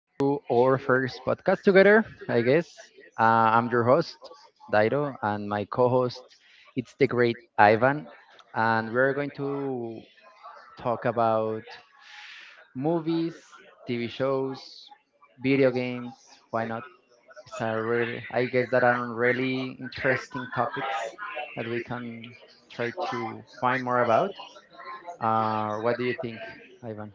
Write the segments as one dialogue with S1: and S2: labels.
S1: to our first podcast together, I guess. I'm your host, Dairo, and my co host, it's the great Ivan. And we're going to talk about movies, TV shows, video games. Why not? It's a really, I guess, that are really interesting topics that we can try to find more about. What do you think, Ivan?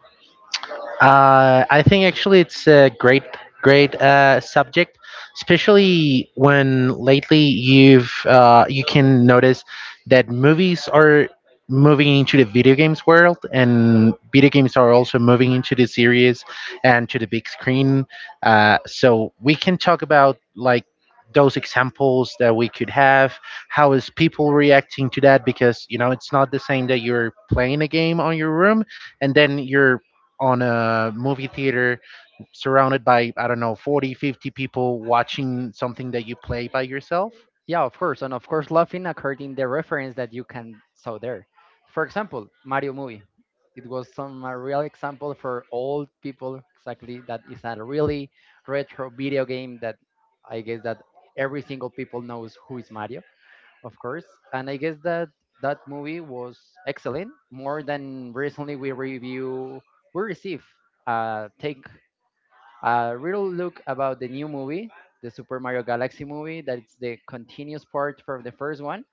S2: I think actually it's a great, great subject, especially when lately you can notice that movies are moving into the video games world, and video games are also moving into the series and to the big screen. So we can talk about like those examples that we could have, how is people reacting to that, because you know it's not the same that you're playing a game on your room and then you're on a movie theater surrounded by, I don't know, 40, 50 people watching something that you play by yourself.
S1: Yeah, of course. And of course, laughing according the reference that you can saw there. For example, Mario movie. It was some a real example for old people exactly that is a really retro video game that I guess that every single people knows who is Mario, of course. And I guess that that movie was excellent. More than recently we receive a take a little look about the new movie, the Super Mario Galaxy movie, that's the continuous part from the first one.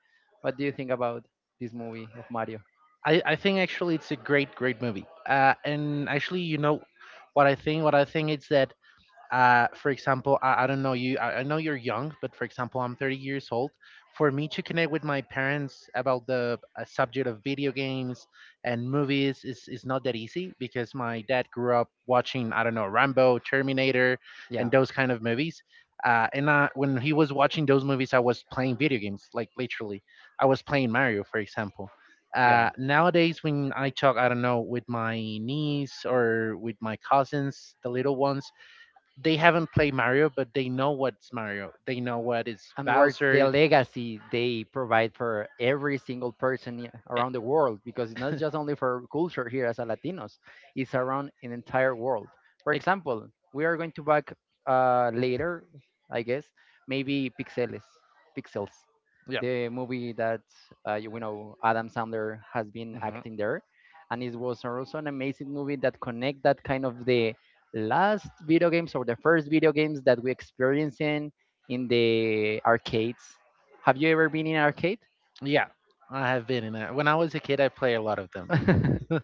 S1: What do you think about this movie of Mario?
S2: I think actually it's a great great movie, and actually, you know, what I think is that, for example, I don't know you. I know you're young, but, for example, I'm 30 years old. For me to connect with my parents about the subject of video games and movies is not that easy, because my dad grew up watching, I don't know, Rambo, Terminator, and
S1: Yeah,
S2: those kind of movies. And I, when he was watching those movies, I was playing video games, like literally. I was playing Mario, for example.
S1: yeah.
S2: Nowadays, when I talk, I don't know, with my niece or with my cousins, the little ones, they haven't played Mario, but they know what's Mario. They know what is
S1: And what's the
S2: Bowser.
S1: legacy they provide for every single person around the world? Because it's not just only for culture here as a Latinos, it's around an entire world. For
S2: Ex-
S1: example, we are going to back later, I guess, maybe Pixeles, Pixels,
S2: yeah.
S1: the movie that you know, Adam Sandler has been
S2: Hmm,
S1: acting there, and it was also an amazing movie that connect that kind of the last video games or the first video games that we experience in the arcades. Have you ever been in arcade?
S2: yeah. I have been in that. When I was a kid, I played a lot of them.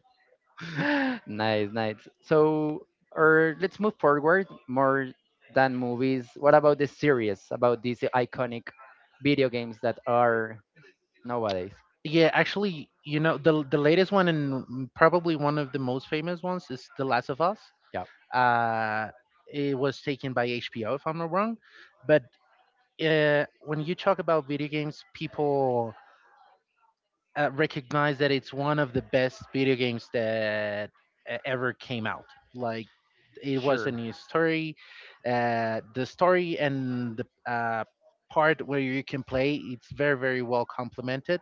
S1: Nice, nice. So, or let's move forward more than movies. What about the series about these iconic video games that are nowadays?
S2: Yeah, actually, you know, the latest one and probably one of the most famous ones is The Last of Us.
S1: Yeah,
S2: Uh, it was taken by HBO, if I'm not wrong. But, when you talk about video games, people recognize that it's one of the best video games that ever came out. Like, it was a
S1: sure.
S2: new story. The story and the part where you can play, it's very very well complemented.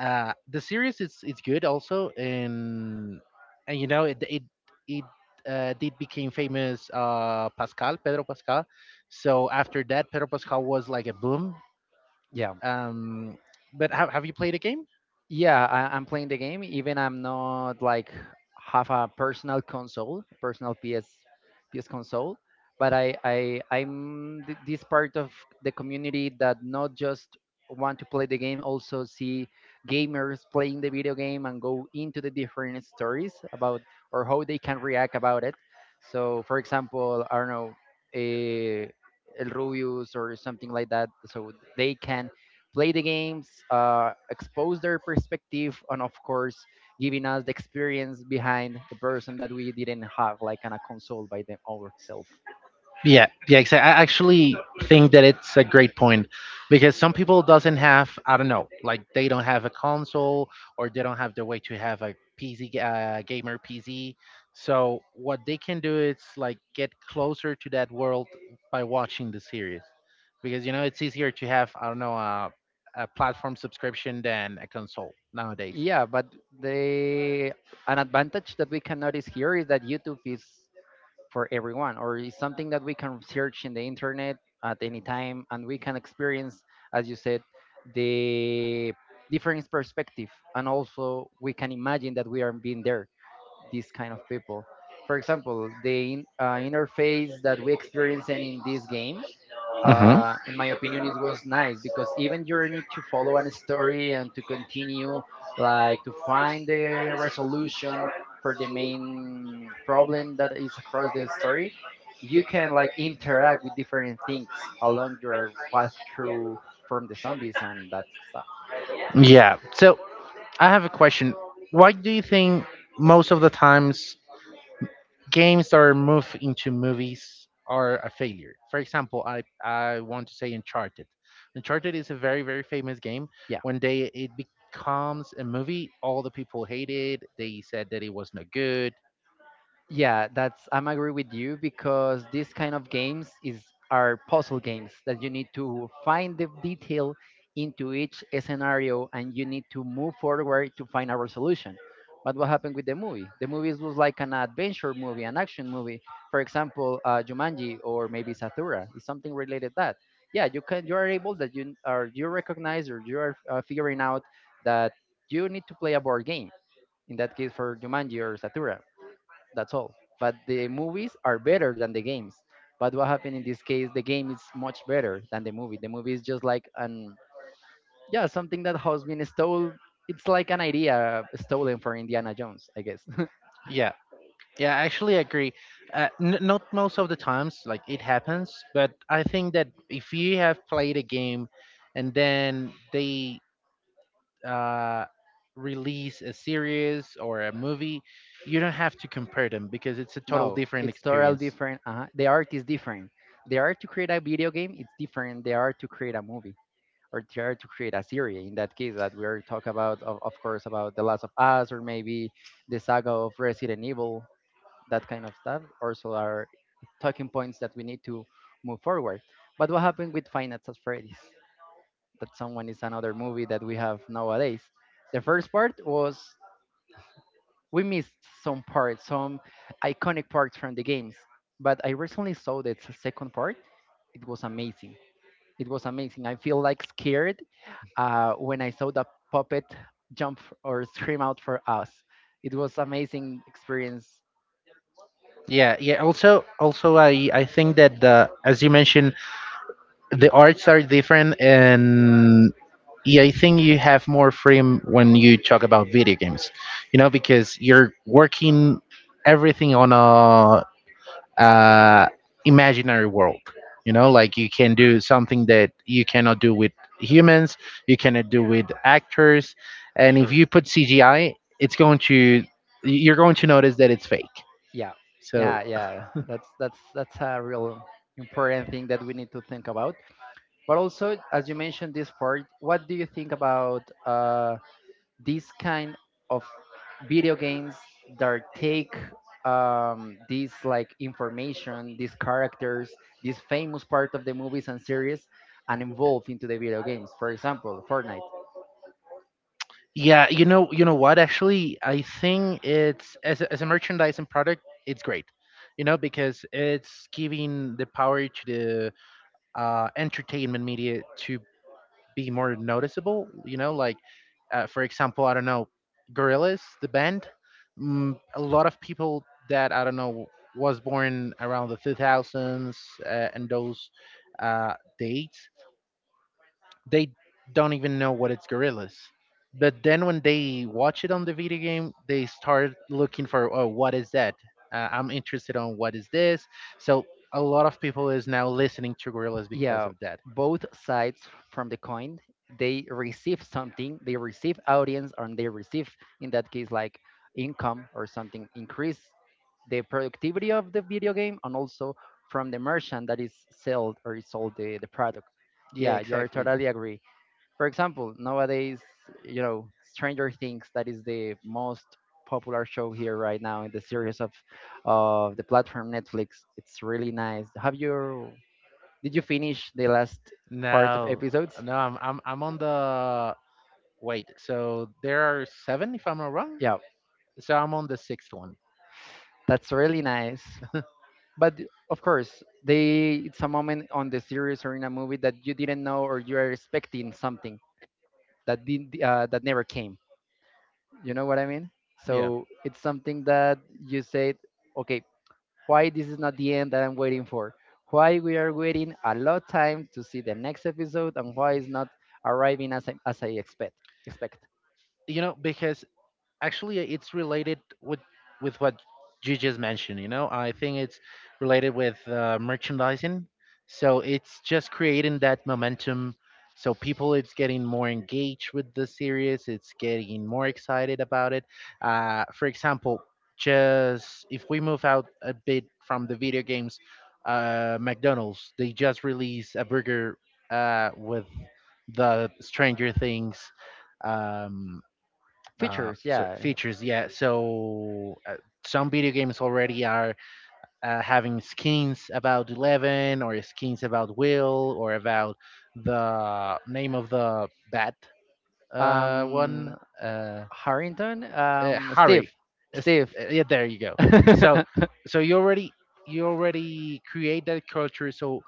S2: The series, it's good also, and you know, it it it. Did became famous, Pascal Pedro Pascal, so after that Pedro Pascal was like a boom. Um, but have you played a game?
S1: Yeah, I'm playing the game even I'm not like have a personal console personal ps console but I'm this part of the community that not just want to play the game also see gamers playing the video game and go into the different stories about or how they can react about it. So for example, I don't know, a El Rubius or something like that, so they can play the games, expose their perspective, and of course, giving us the experience behind the person that we didn't have, like on a console by them ourselves.
S2: Yeah, yeah, exactly. I actually think that it's a great point, because some people doesn't have, I don't know, like they don't have a console, or they don't have the way to have a gamer PC. So what they can do is like get closer to that world by watching the series, because you know it's easier to have, I don't know, a platform subscription than a console nowadays.
S1: Yeah, but the an advantage that we can notice here is that YouTube is for everyone, or is something that we can search in the internet at any time, and we can experience, as you said, the different perspective, and also we can imagine that we are being there. These kind of people. For example, the interface that we experienced in this game,
S2: Mhm.
S1: in my opinion, it was nice because even you need to follow a story and to continue, like to find the resolution for the main problem that is across the story, you can like interact with different things along your path through from the zombies and that stuff.
S2: Yeah. So I have a question. Why do you think most of the times games that are moved into movies are a failure? For example, I want to say Uncharted. Uncharted is a very very famous game.
S1: Yeah.
S2: When they it becomes a movie, all the people hate it. They said that it was not good.
S1: Yeah, that's I'm agree with you because these kind of games is are puzzle games that you need to find the detail into each scenario and you need to move forward to find a resolution. But what happened with the movie? The movie was like an adventure movie, an action movie. For example, Jumanji or maybe Satura is something related that. Yeah, you can you recognize or you are figuring out that you need to play a board game. In that case, for Jumanji or Satura that's all. But the movies are better than the games. But what happened in this case, the game is much better than the movie. The movie is just like an yeah, something that has been stolen. It's like an idea stolen for Indiana Jones, I guess.
S2: Yeah. Yeah, I actually agree. Not most of the times, like it happens, but I think that if you have played a game and then they uh, release a series or a movie, you don't have to compare them, because it's a total
S1: No,
S2: different
S1: it's totally
S2: experience.
S1: different. The art is different. The art to create a video game, it's different. The art to create a movie or the art to create a series. In that case, that we are talking about, of course, about The Last of Us or maybe the saga of Resident Evil that kind of stuff. Also, are talking points that we need to move forward. But what happened with Finance at Freddy's? That someone is another movie that we have nowadays. The first part was we missed some parts, some iconic parts from the games. But I recently saw the second part. It was amazing. It was amazing. I feel like scared when I saw the puppet jump or scream out for us. It was amazing experience.
S2: Yeah, yeah. Also, I think that the as you mentioned, the arts are different and, yeah, I think you have more freedom when you talk about video games, you know, because you're working everything on a uh, imaginary world, you know, like, you can do something that you cannot do with humans, you cannot do with actors, and if
S1: Sure.
S2: you put CGI, it's going to, you're going to notice that it's fake.
S1: Yeah,
S2: So.
S1: yeah, that's a real important thing that we need to think about. But also, as you mentioned this part, what do you think about these kind of video games that take these like information, these characters, this famous part of the movies and series, and involve into the video games? For example, Fortnite.
S2: Yeah, you know what? Actually, I think it's as a merchandising product, it's great. You know, because it's giving the power to the entertainment media to be more noticeable. You know, like, for example, I don't know, Gorillaz, the band. A lot of people that, I don't know, was born around the 2000s, and those uh, dates, they don't even know what it's gorillas. But then when they watch it on the video game, they start looking for, oh, what is that? I'm interested on what is this. So a lot of people is now listening to gorillas because
S1: Yeah,
S2: of that.
S1: both sides from the coin, they receive something. They receive audience and they receive, in that case, like income or something, increase the productivity of the video game, and also from the merchant that is sold or is sold the product.
S2: Yeah,
S1: Yeah, you are
S2: exactly.
S1: totally agree. For example, nowadays, you know, Stranger Things, that is the most popular show here right now in the series of the platform Netflix. It's really nice. Have you Did you finish the last part of
S2: No,
S1: episodes?
S2: no, I'm on the wait. So there are seven, if I'm not wrong.
S1: Yeah,
S2: So I'm on the sixth one.
S1: that's really nice. But of course, they it's a moment on the series or in a movie that you didn't know or you are expecting something that didn't that never came. You know what I mean?
S2: Yeah,
S1: So it's something that you said, okay, why this is not the end that I'm waiting for? Why we are waiting a lot time to see the next episode, and why it's not arriving as I expect?
S2: you know, because actually, it's related with what you just mentioned, you know, I think it's related with merchandising, so it's just creating that momentum, so people it's getting more engaged with the series, it's getting more excited about it. For example, just if we move out a bit from the video games, McDonald's, they just released a burger, with the stranger things, um,
S1: Features? Yeah.
S2: features. Yeah, so, some video games already are having skins about Eleven or skins about Will or about the name of the bat one.
S1: um
S2: Uh,
S1: Harrington, Steve,
S2: Harry. It's-
S1: Steve.
S2: yeah, there you go. So, so you already you already create that culture. So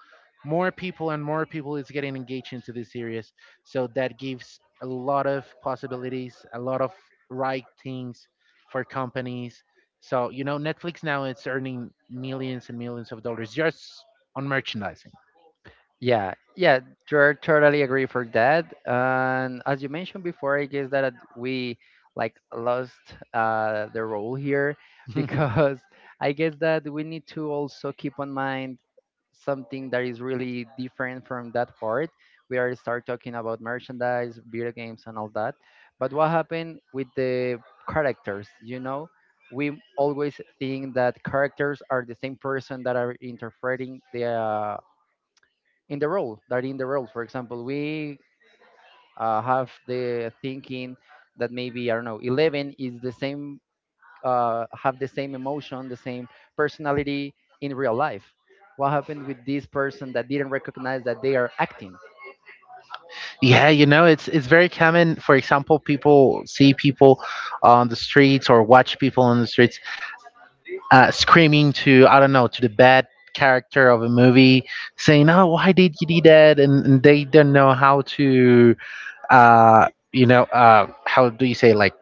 S2: more people and more people is getting engaged into this series. So that gives a lot of possibilities, a lot of right things for companies. So, you know, Netflix now it's earning millions and millions of dollars just on merchandising.
S1: Yeah, yeah, you're totally agree for that. And as you mentioned before, I guess that we like lost the role here because I guess that we need to also keep on mind something that is really different from that part. We already start talking about merchandise, video games, and all that. But what happened with the characters? You know, we always think that characters are the same person that are interpreting the in the role. For example, we have the thinking that maybe I don't know 11 is the same, have the same emotion, the same personality in real life. What happened with this person that didn't recognize that they are acting?
S2: Yeah, you know, it's very common. For example, people see people on the streets or watch people on the streets screaming to, I don't know, to the bad character of a movie, saying, "Oh, why did you do that?" And they don't know how to, uh, you know, how do you say, like,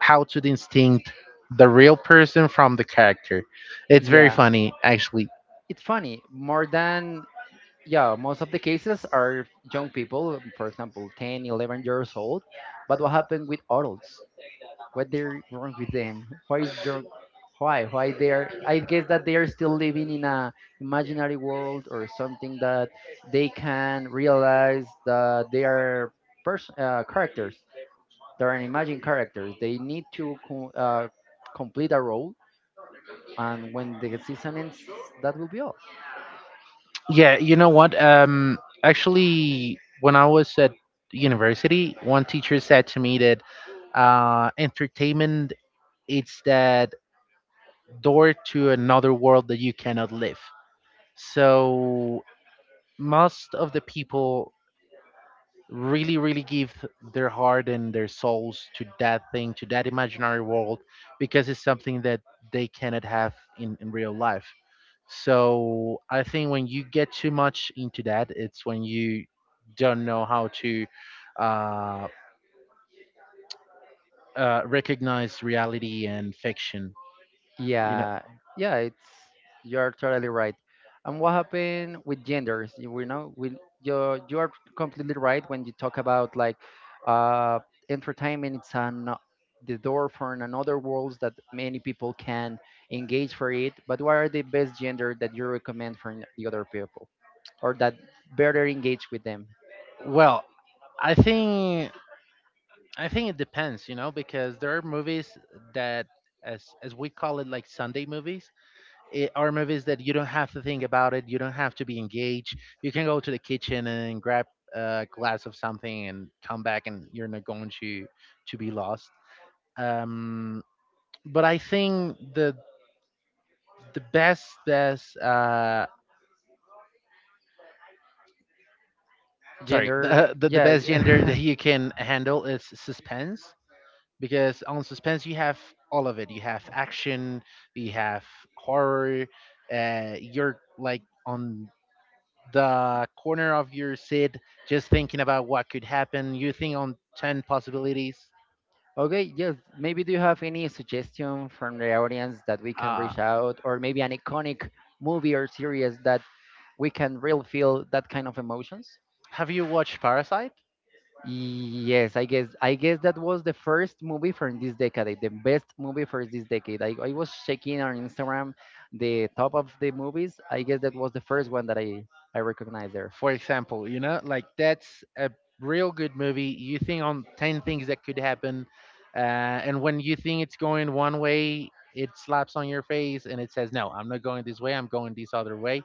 S2: how to distinct the real person from the character. It's very
S1: Yeah,
S2: funny, actually.
S1: it's funny more than yeah most of the cases are young people, for example, 10, 11 years old. But what happened with adults? What they're wrong with them? Why is there why? Why they're, I guess that they are still living in a imaginary world or something that they can realize that they are characters. They're an imagined characters. They need to complete a role, and when the season ends, that will be all.
S2: Yeah, you know what? Actually, when I was at university, one teacher said to me that entertainment, it's that door to another world that you cannot live. So most of the people, really, really give their heart and their souls to that thing, to that imaginary world, because it's something that they cannot have in real life. So I think when you get too much into that, it's when you don't know how to, uh, recognize reality and fiction. You know,
S1: Yeah, yeah, it's you're totally right. And what happened with genders? You we know, we you're You are completely right when you talk about like uh entertainment. It's an the door for another worlds that many people can engage for it. But what are the best gender that you recommend for the other people or that better engage with them?
S2: well, I think, I think it depends. You know, because there are movies that, as we call it, like Sunday movies, it are movies that you don't have to think about it. You don't have to be engaged. You can go to the kitchen and grab a glass of something and come back, and you're not going to be lost. Um, but I think the best best sorry,
S1: Gender,
S2: the best gender
S1: yeah.
S2: that you can handle is suspense, because on suspense you have all of it. You have action, you have horror. You're like on the corner of your seat, just thinking about what could happen. You think on 10 possibilities.
S1: Okay, yes. Maybe do you have any suggestion from the audience that we can
S2: Uh,
S1: reach out, or maybe an iconic movie or series that we can really feel that kind of emotions?
S2: have you watched Parasite?
S1: Yes, I guess that was the first movie from this decade, the best movie for this decade. I was checking on Instagram the top of the movies. I guess that was the first one that I recognized there.
S2: For example, you know, like, that's a real good movie. You think on 10 things that could happen, uh, and when you think it's going one way, it slaps on your face and it says, no, I'm not going this way, I'm going this other way.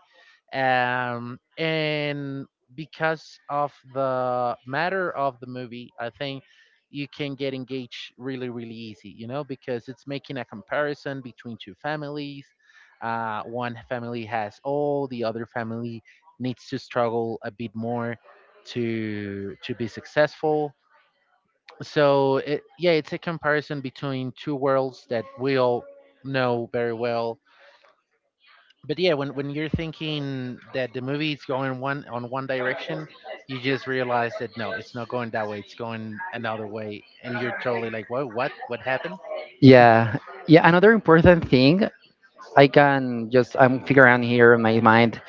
S2: And because of the matter of the movie, I think you can get engaged really really easy, you know, because it's making a comparison between two families. One family has all, the other family needs to struggle a bit more to be successful. So, it, yeah, it's a comparison between two worlds that we all know very well. But yeah, when you're thinking that the movie is going one on one direction, you just realize that, no, it's not going that way. It's going another way, and you're totally like, what happened?
S1: Yeah, yeah. Another important thing I can just I'm figuring out here in my mind,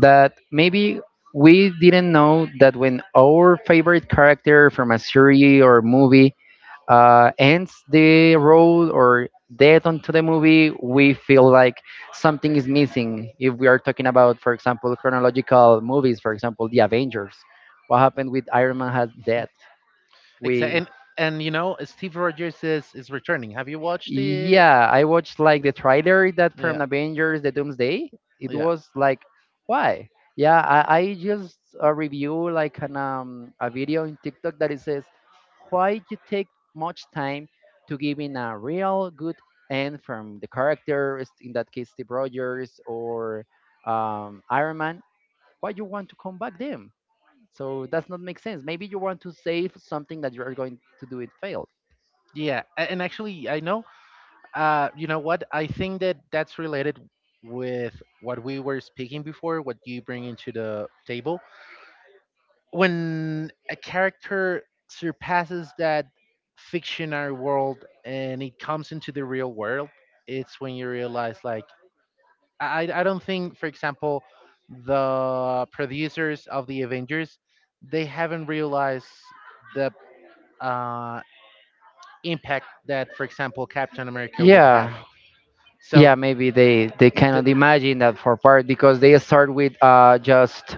S1: that maybe we didn't know that when our favorite character from a series or movie ends the role or dead onto the movie, we feel like something is missing. If we are talking about, for example, chronological movies, for example, The Avengers, what happened with Iron Man has death?
S2: Exactly.
S1: We
S2: And you know, Steve Rogers is returning. Have you watched the?
S1: Yeah, I watched like the trailer that from
S2: Yeah,
S1: Avengers: The Doomsday. It
S2: yeah.
S1: was like, why? Yeah, I just review like an a video in TikTok that it says, why you take much time to giving a real good end from the characters, in that case Steve Rogers or Iron Man? Why you want to come back them? So that's not make sense. Maybe you want to save something that you are going to do it fail.
S2: Yeah, a- and actually, I know. You know what? I think that that's related with what we were speaking before, what you bring into the table. When a character surpasses that fictional world and it comes into the real world, it's when you realize, like, I don't think, for example, the producers of the Avengers, they haven't realized the uh, impact that, for example, Captain America would
S1: Yeah,
S2: have. So,
S1: yeah, maybe they
S2: the
S1: cannot imagine that for part because they start with just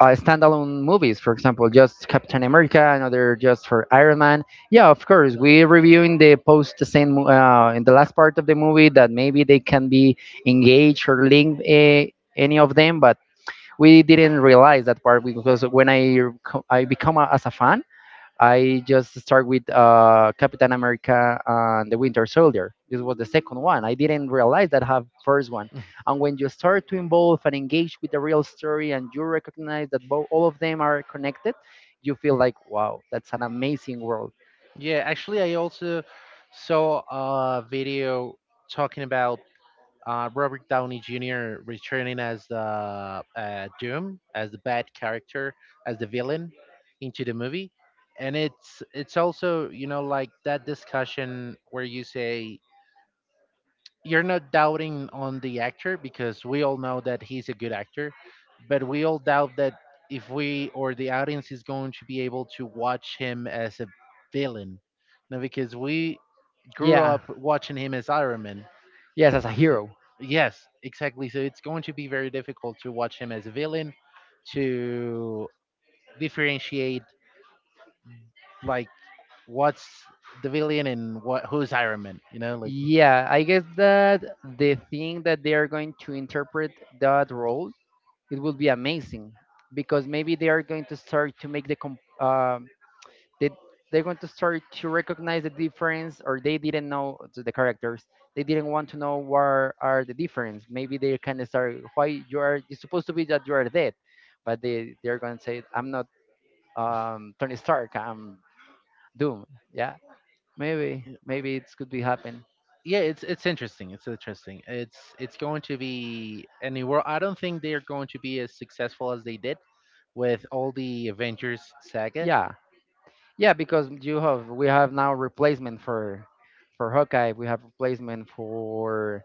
S1: standalone movies, for example, just Captain America, another just for Iron Man. Yeah, of course, we're reviewing the post the same in the last part of the movie that maybe they can be engaged or linked any of them, but we didn't realize that part because when I I become a, as a fan, I just start with Captain America and the Winter Soldier. This was the second one. I didn't realize that I have first one. And when you start to involve and engage with the real story, and you recognize that both all of them are connected, you feel like, wow, that's an amazing world.
S2: yeah, actually, I also saw a video talking about, Robert Downey Jr. returning as the Doom, as the bad character, as the villain into the movie, and it's also like that discussion where you say you're not doubting on the actor because we all know that he's a good actor, but we all doubt that if we or the audience is going to be able to watch him as a villain. Now, because we grew
S1: Yeah.
S2: up watching him as Iron Man.
S1: Yes, as a
S2: So,
S1: hero.
S2: yes, exactly. So it's going to be very difficult to watch him as a villain, to differentiate like what's the villain and what who's Iron Man.
S1: Yeah, I guess that the thing that they are going to interpret that role, it will be amazing because maybe they are going to start to make the they they're going to start to recognize the difference or they didn't know the characters. They didn't want to know what are the difference. Maybe they kind of start, why you are, it's supposed to be that you are dead, but they're going to say, I'm not Tony Stark, I'm Doom. Yeah, maybe it could be happen.
S2: Yeah, it's interesting, it's going to be and I don't think they're going to be as successful as they did with all the Avengers saga.
S1: Yeah. Yeah, because you have, we have now replacement for Hawkeye, we have replacement for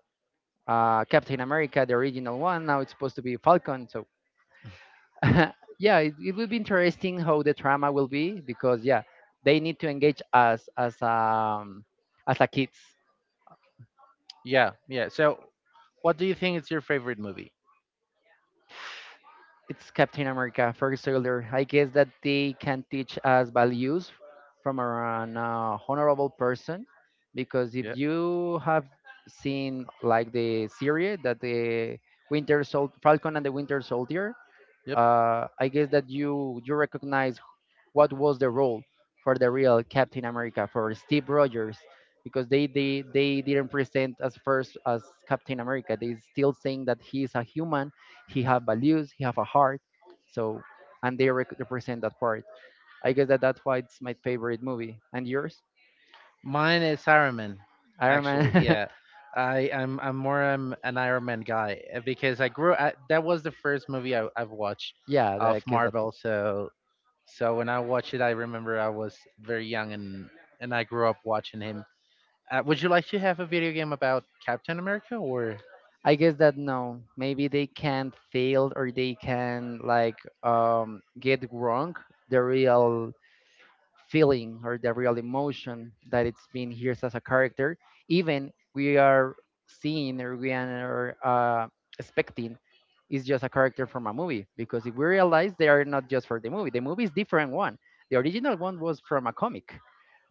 S1: Captain America, the original one. Now it's supposed to be Falcon, so yeah, it will be interesting how the drama will be. Because yeah, they need to engage us as a kids.
S2: Yeah, yeah. So what do you think is your favorite movie?
S1: It's Captain America, first sailor. I guess that they can teach us values from an honorable person, because if
S2: Yeah.
S1: you have seen like the series that the Falcon and the Winter Soldier,
S2: Yep.
S1: I guess that you recognize what was the role for the real Captain America, for Steve Rogers, because they didn't present as first as Captain America. They still saying that he is a human, he have values, he have a heart. So, and they represent that part. I guess that that's why it's my favorite movie. And yours,
S2: Mine is Iron Man,
S1: Iron
S2: actually.
S1: Man.
S2: Yeah, I'm more an Iron Man guy because that was the first movie I've watched
S1: Yeah, I
S2: of
S1: guess that.
S2: Marvel, so. So when I watched it, I remember I was very young and I grew up watching him. Would you like to have a video game about Captain America or?
S1: I guess that no, maybe they can fail or they can like get wrong the real feeling or the real emotion that it's being here as a character, even we are seeing, or we are expecting is just a character from a movie. Because if we realize, they are not just for the movie, the movie is different one. The original one was from a comic,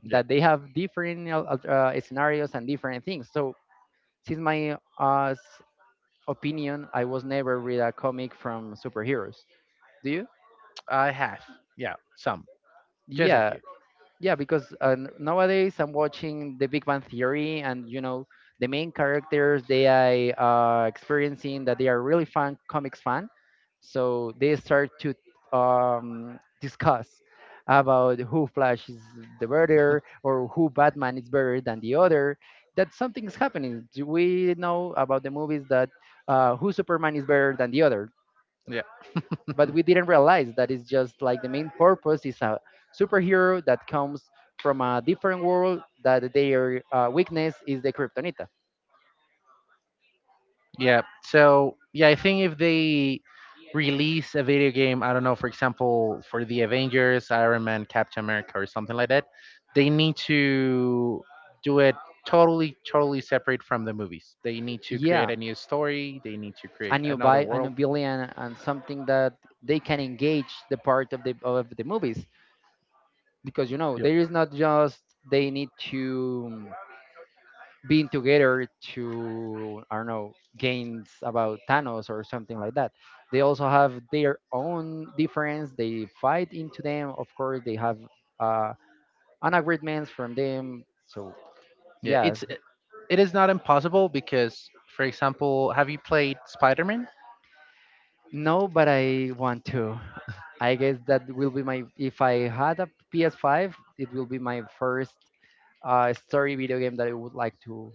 S2: Yeah,
S1: that they have different scenarios and different things. So since my opinion, I was never read a comic from superheroes. Do you?
S2: I have. Yeah, some, just a
S1: Yeah,
S2: few.
S1: yeah, because nowadays I'm watching The Big Bang Theory, and you know, the main characters, they are experiencing that they are really fan, comics fan. So they start to discuss about who Flash is the better, or who Batman is better than the other. That something is happening. Do we know about the movies that, who Superman is better than the other.
S2: Yeah,
S1: But we didn't realize that it's just like the main purpose is a superhero that comes from a different world, that their weakness is the kryptonita.
S2: yeah. So yeah, I think if they release a video game, I don't know, for example, for the Avengers, Iron Man, Captain America, or something like that, they need to do it totally, totally separate from the movies. They need to create
S1: Yeah,
S2: a new story. They need to create
S1: a new
S2: another
S1: bi a new
S2: world.
S1: villain and something that they can engage the part of the movies, because you know,
S2: Yeah.
S1: there is not just, they need to being together to, I don't know, gains about Thanos or something like that. They also have their own difference. They fight into them. Of course, they have uh, agreements from them.
S2: Yeah,
S1: Yeah.
S2: it's it is not impossible because, for example, have you played Spider Man?
S1: No, but I want to. I guess that will be my, if I had a PS5, it will be my first story video game that I would like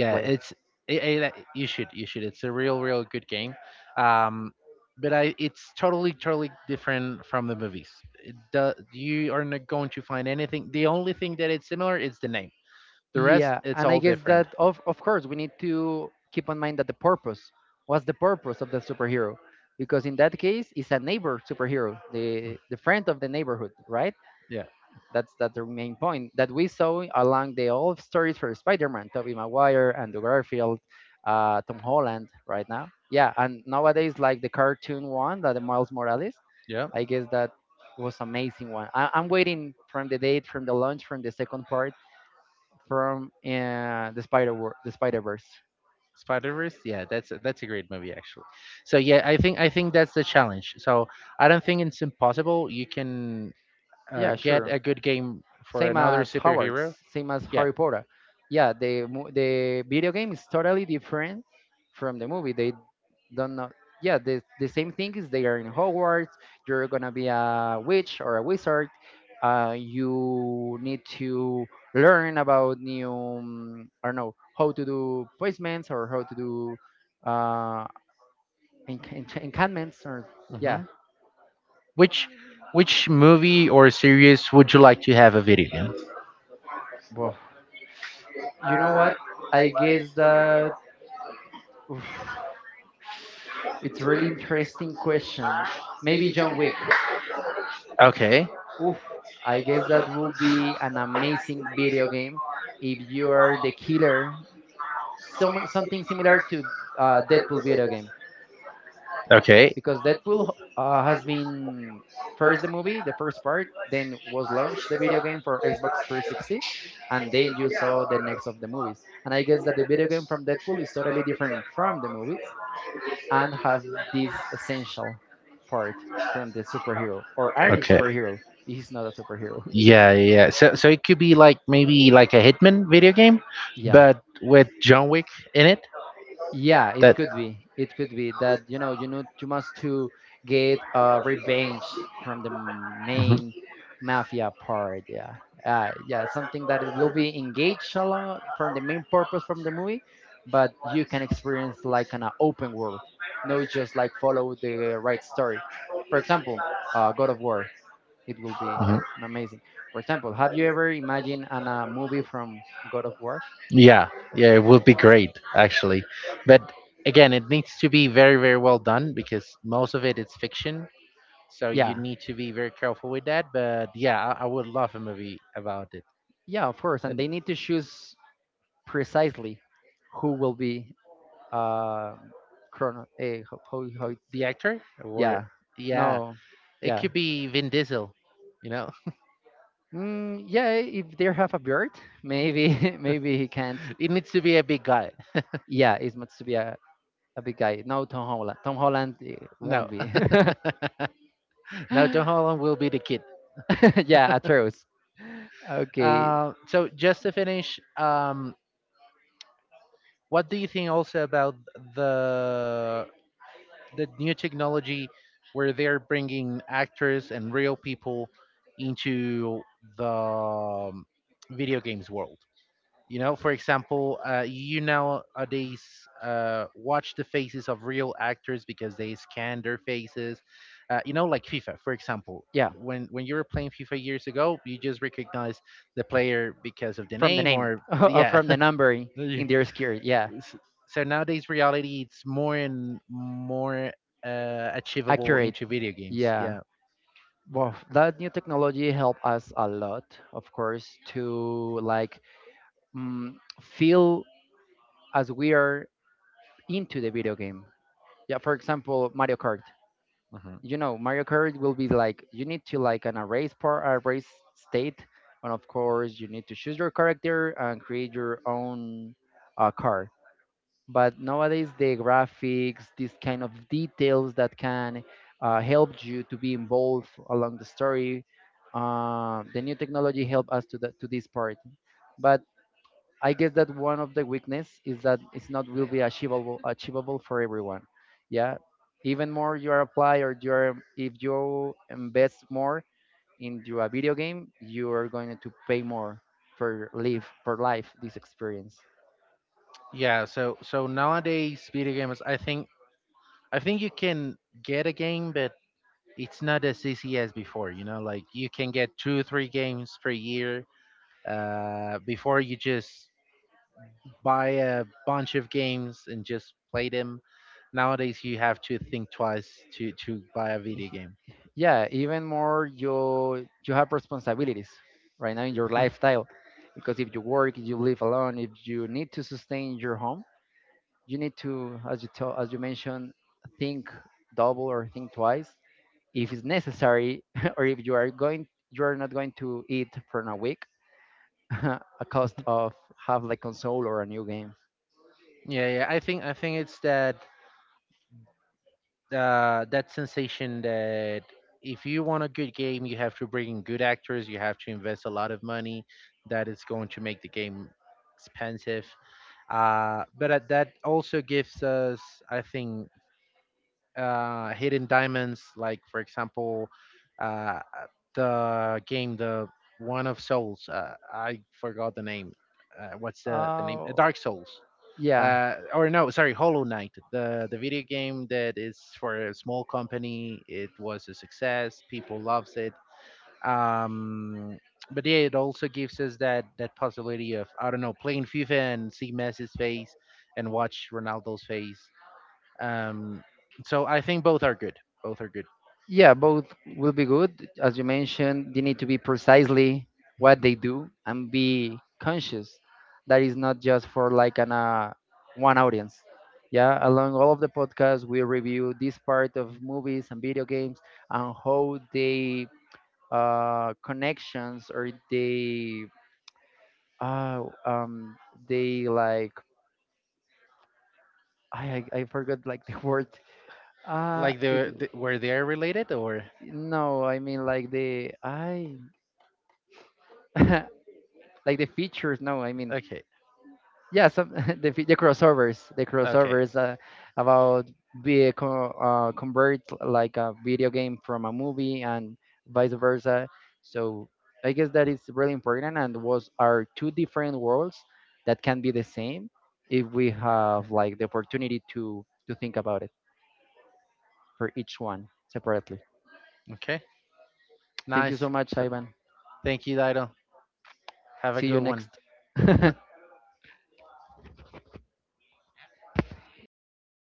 S1: to play.
S2: it's you should. It's a real real good game, um, but I it's totally totally different from the movies. It do, you are not going to find anything. The only thing that it's similar is the name. The rest,
S1: Yeah,
S2: it's
S1: and I
S2: all
S1: guess
S2: different.
S1: that of course we need to keep in mind that the purpose, what's the purpose of the superhero, because in that case it's a neighbor superhero, the friend of the neighborhood, right?
S2: Yeah,
S1: That's the main point that we saw along the old stories for Spider-Man, Tobey Maguire, Andrew Garfield, Tom Holland, right now. Yeah, and nowadays like the cartoon one, that the Miles Morales.
S2: yeah.
S1: I guess that was amazing one. I'm waiting from the date, from the launch, from the second part from the the Spider Verse.
S2: Spider Verse. Yeah, that's that's a great movie actually. So yeah, I think that's the challenge. So I don't think it's impossible. You can
S1: Yeah,
S2: get
S1: sure.
S2: a good game for
S1: Same
S2: another
S1: as Howard's,
S2: superhero.
S1: same as
S2: Yeah.
S1: Harry Potter. Yeah, the the video game is totally different from the movie. They don't know. Yeah, the same thing is they are in Hogwarts. You're gonna be a witch or a wizard. You need to learn about new. I don't know how to do poisons or how to do uh, enchantments or
S2: Hmm.
S1: yeah.
S2: Which which movie or series would you like to have a video game?
S1: Well, you know what? I guess that, oof, it's really interesting question. Maybe John Wick.
S2: Okay.
S1: Oof, I guess that will be an amazing video game if you are the killer. Something similar to Deadpool video game,
S2: Okay.
S1: because Deadpool has been first the movie, the first part, then was launched the video game for Xbox 360, and then you saw the next of the movies. And I guess that the video game from Deadpool is totally different from the movies, and have this essential part from the superhero or any
S2: Okay.
S1: superhero. He's not a superhero.
S2: Yeah, yeah. So so it could be like maybe like a Hitman video game,
S1: Yeah.
S2: but with John Wick in it.
S1: Yeah, it
S2: That.
S1: could be. It could be that, you know, you must to get revenge from the
S2: Mhm,
S1: main mafia part. Yeah, yeah, something that it will be engaged along from the main purpose from the movie, but you can experience like an open world. No, just like follow the right story. For example, God of War. It will be
S2: mhm.
S1: an amazing. For example, have you ever imagined a movie from God of War?
S2: Yeah, yeah, it would be great actually. But again, it needs to be very, very well done because most of it is fiction. So you
S1: Yeah,
S2: need to be very careful with that. But yeah, I would love a movie about it.
S1: yeah, of course. And
S2: And
S1: they need to choose precisely who will be uh, chrono. Eh, how it's,
S2: the actor or
S1: yeah,
S2: yeah,
S1: no,
S2: it
S1: yeah,
S2: could be Vin Diesel. You know,
S1: mm, yeah. If they have a beard, maybe maybe he can't.
S2: it needs to be a big guy.
S1: Yeah, it's meant to be a big guy. No, Tom Holland. Tom Holland eh,
S2: No,
S1: won't be.
S2: no, John Holland will be the kid.
S1: Yeah, Atreus. Okay,
S2: So just to finish, what do you think also about the the new technology where they're bringing actors and real people into the video games world. You know, for example, you nowadays watch the faces of real actors because they scan their faces. You know, like FIFA, for example.
S1: yeah.
S2: When you were playing FIFA years ago, you just recognize the player because of the
S1: From the
S2: name,
S1: name
S2: or
S1: or
S2: yeah,
S1: from the number
S2: yeah.
S1: in their skirt. Yeah,
S2: s- so nowadays reality it's more and more achievable
S1: accurate.
S2: into video games,
S1: Yeah.
S2: yeah.
S1: Well, that new technology helped us a lot, of course, to like, mm, feel as we are into the video game. Yeah, for example, Mario Kart.
S2: Hmm.
S1: You know, Mario Kart will be like you need to like an a race part, a race state, and of course you need to choose your character and create your own car. But nowadays the graphics, these kind of details that can help you to be involved along the story, the new technology help us to this part. But I guess that one of the weakness is that it's not will be achievable for everyone. Yeah, even more you are apply, or you're if you invest more into a video game, you are going to pay more for live, for life this experience.
S2: Yeah, so so nowadays video games, I think you can get a game, but it's not as easy as before. You know, like you can get two three games per year, before you just buy a bunch of games and just play them. Nowadays you have to think twice to buy a video game.
S1: Yeah, even more you have responsibilities right now in your lifestyle, because if you work, you live alone, if you need to sustain your home, you need to as you mentioned, think double or think twice if it's necessary or if you are not going to eat for a week a cost of have like console or a new game.
S2: Yeah, yeah, I think it's that that sensation that if you want a good game, you have to bring in good actors, you have to invest a lot of money. That is going to make the game expensive. But that also gives us, I think, hidden diamonds, like for example, uh, the game, the one of Souls. I forgot the name. What's the name?
S1: Uh,
S2: Dark Souls.
S1: yeah.
S2: Or no, sorry, Hollow Knight, the video game that is for a small company. It was a success. People loves it. Um, but yeah, it also gives us that that possibility of I don't know playing FIFA and see Messi's face and watch Ronaldo's face, um, so I think both are good. Both are good.
S1: Yeah, both will be good. As you mentioned, they need to be precisely what they do and be conscious that is not just for like an one audience. Yeah, along all of the podcasts, we review this part of movies and video games and how they connections or uh, um they like, I forgot like the word
S2: Like
S1: it
S2: the where they are related, or
S1: no, I mean like the I like the features. No, I mean,
S2: okay,
S1: yeah, some the the
S2: okay,
S1: crossovers about be convert like a video game from a movie and vice versa. So I guess that is really important, and was are two different worlds that can be the same if we have like the opportunity to think about it for each one separately.
S2: okay.
S1: Thank you
S2: Nice.
S1: so much,
S2: So
S1: Ivan.
S2: thank you, Dido. Have a
S1: See you
S2: good one.
S1: next.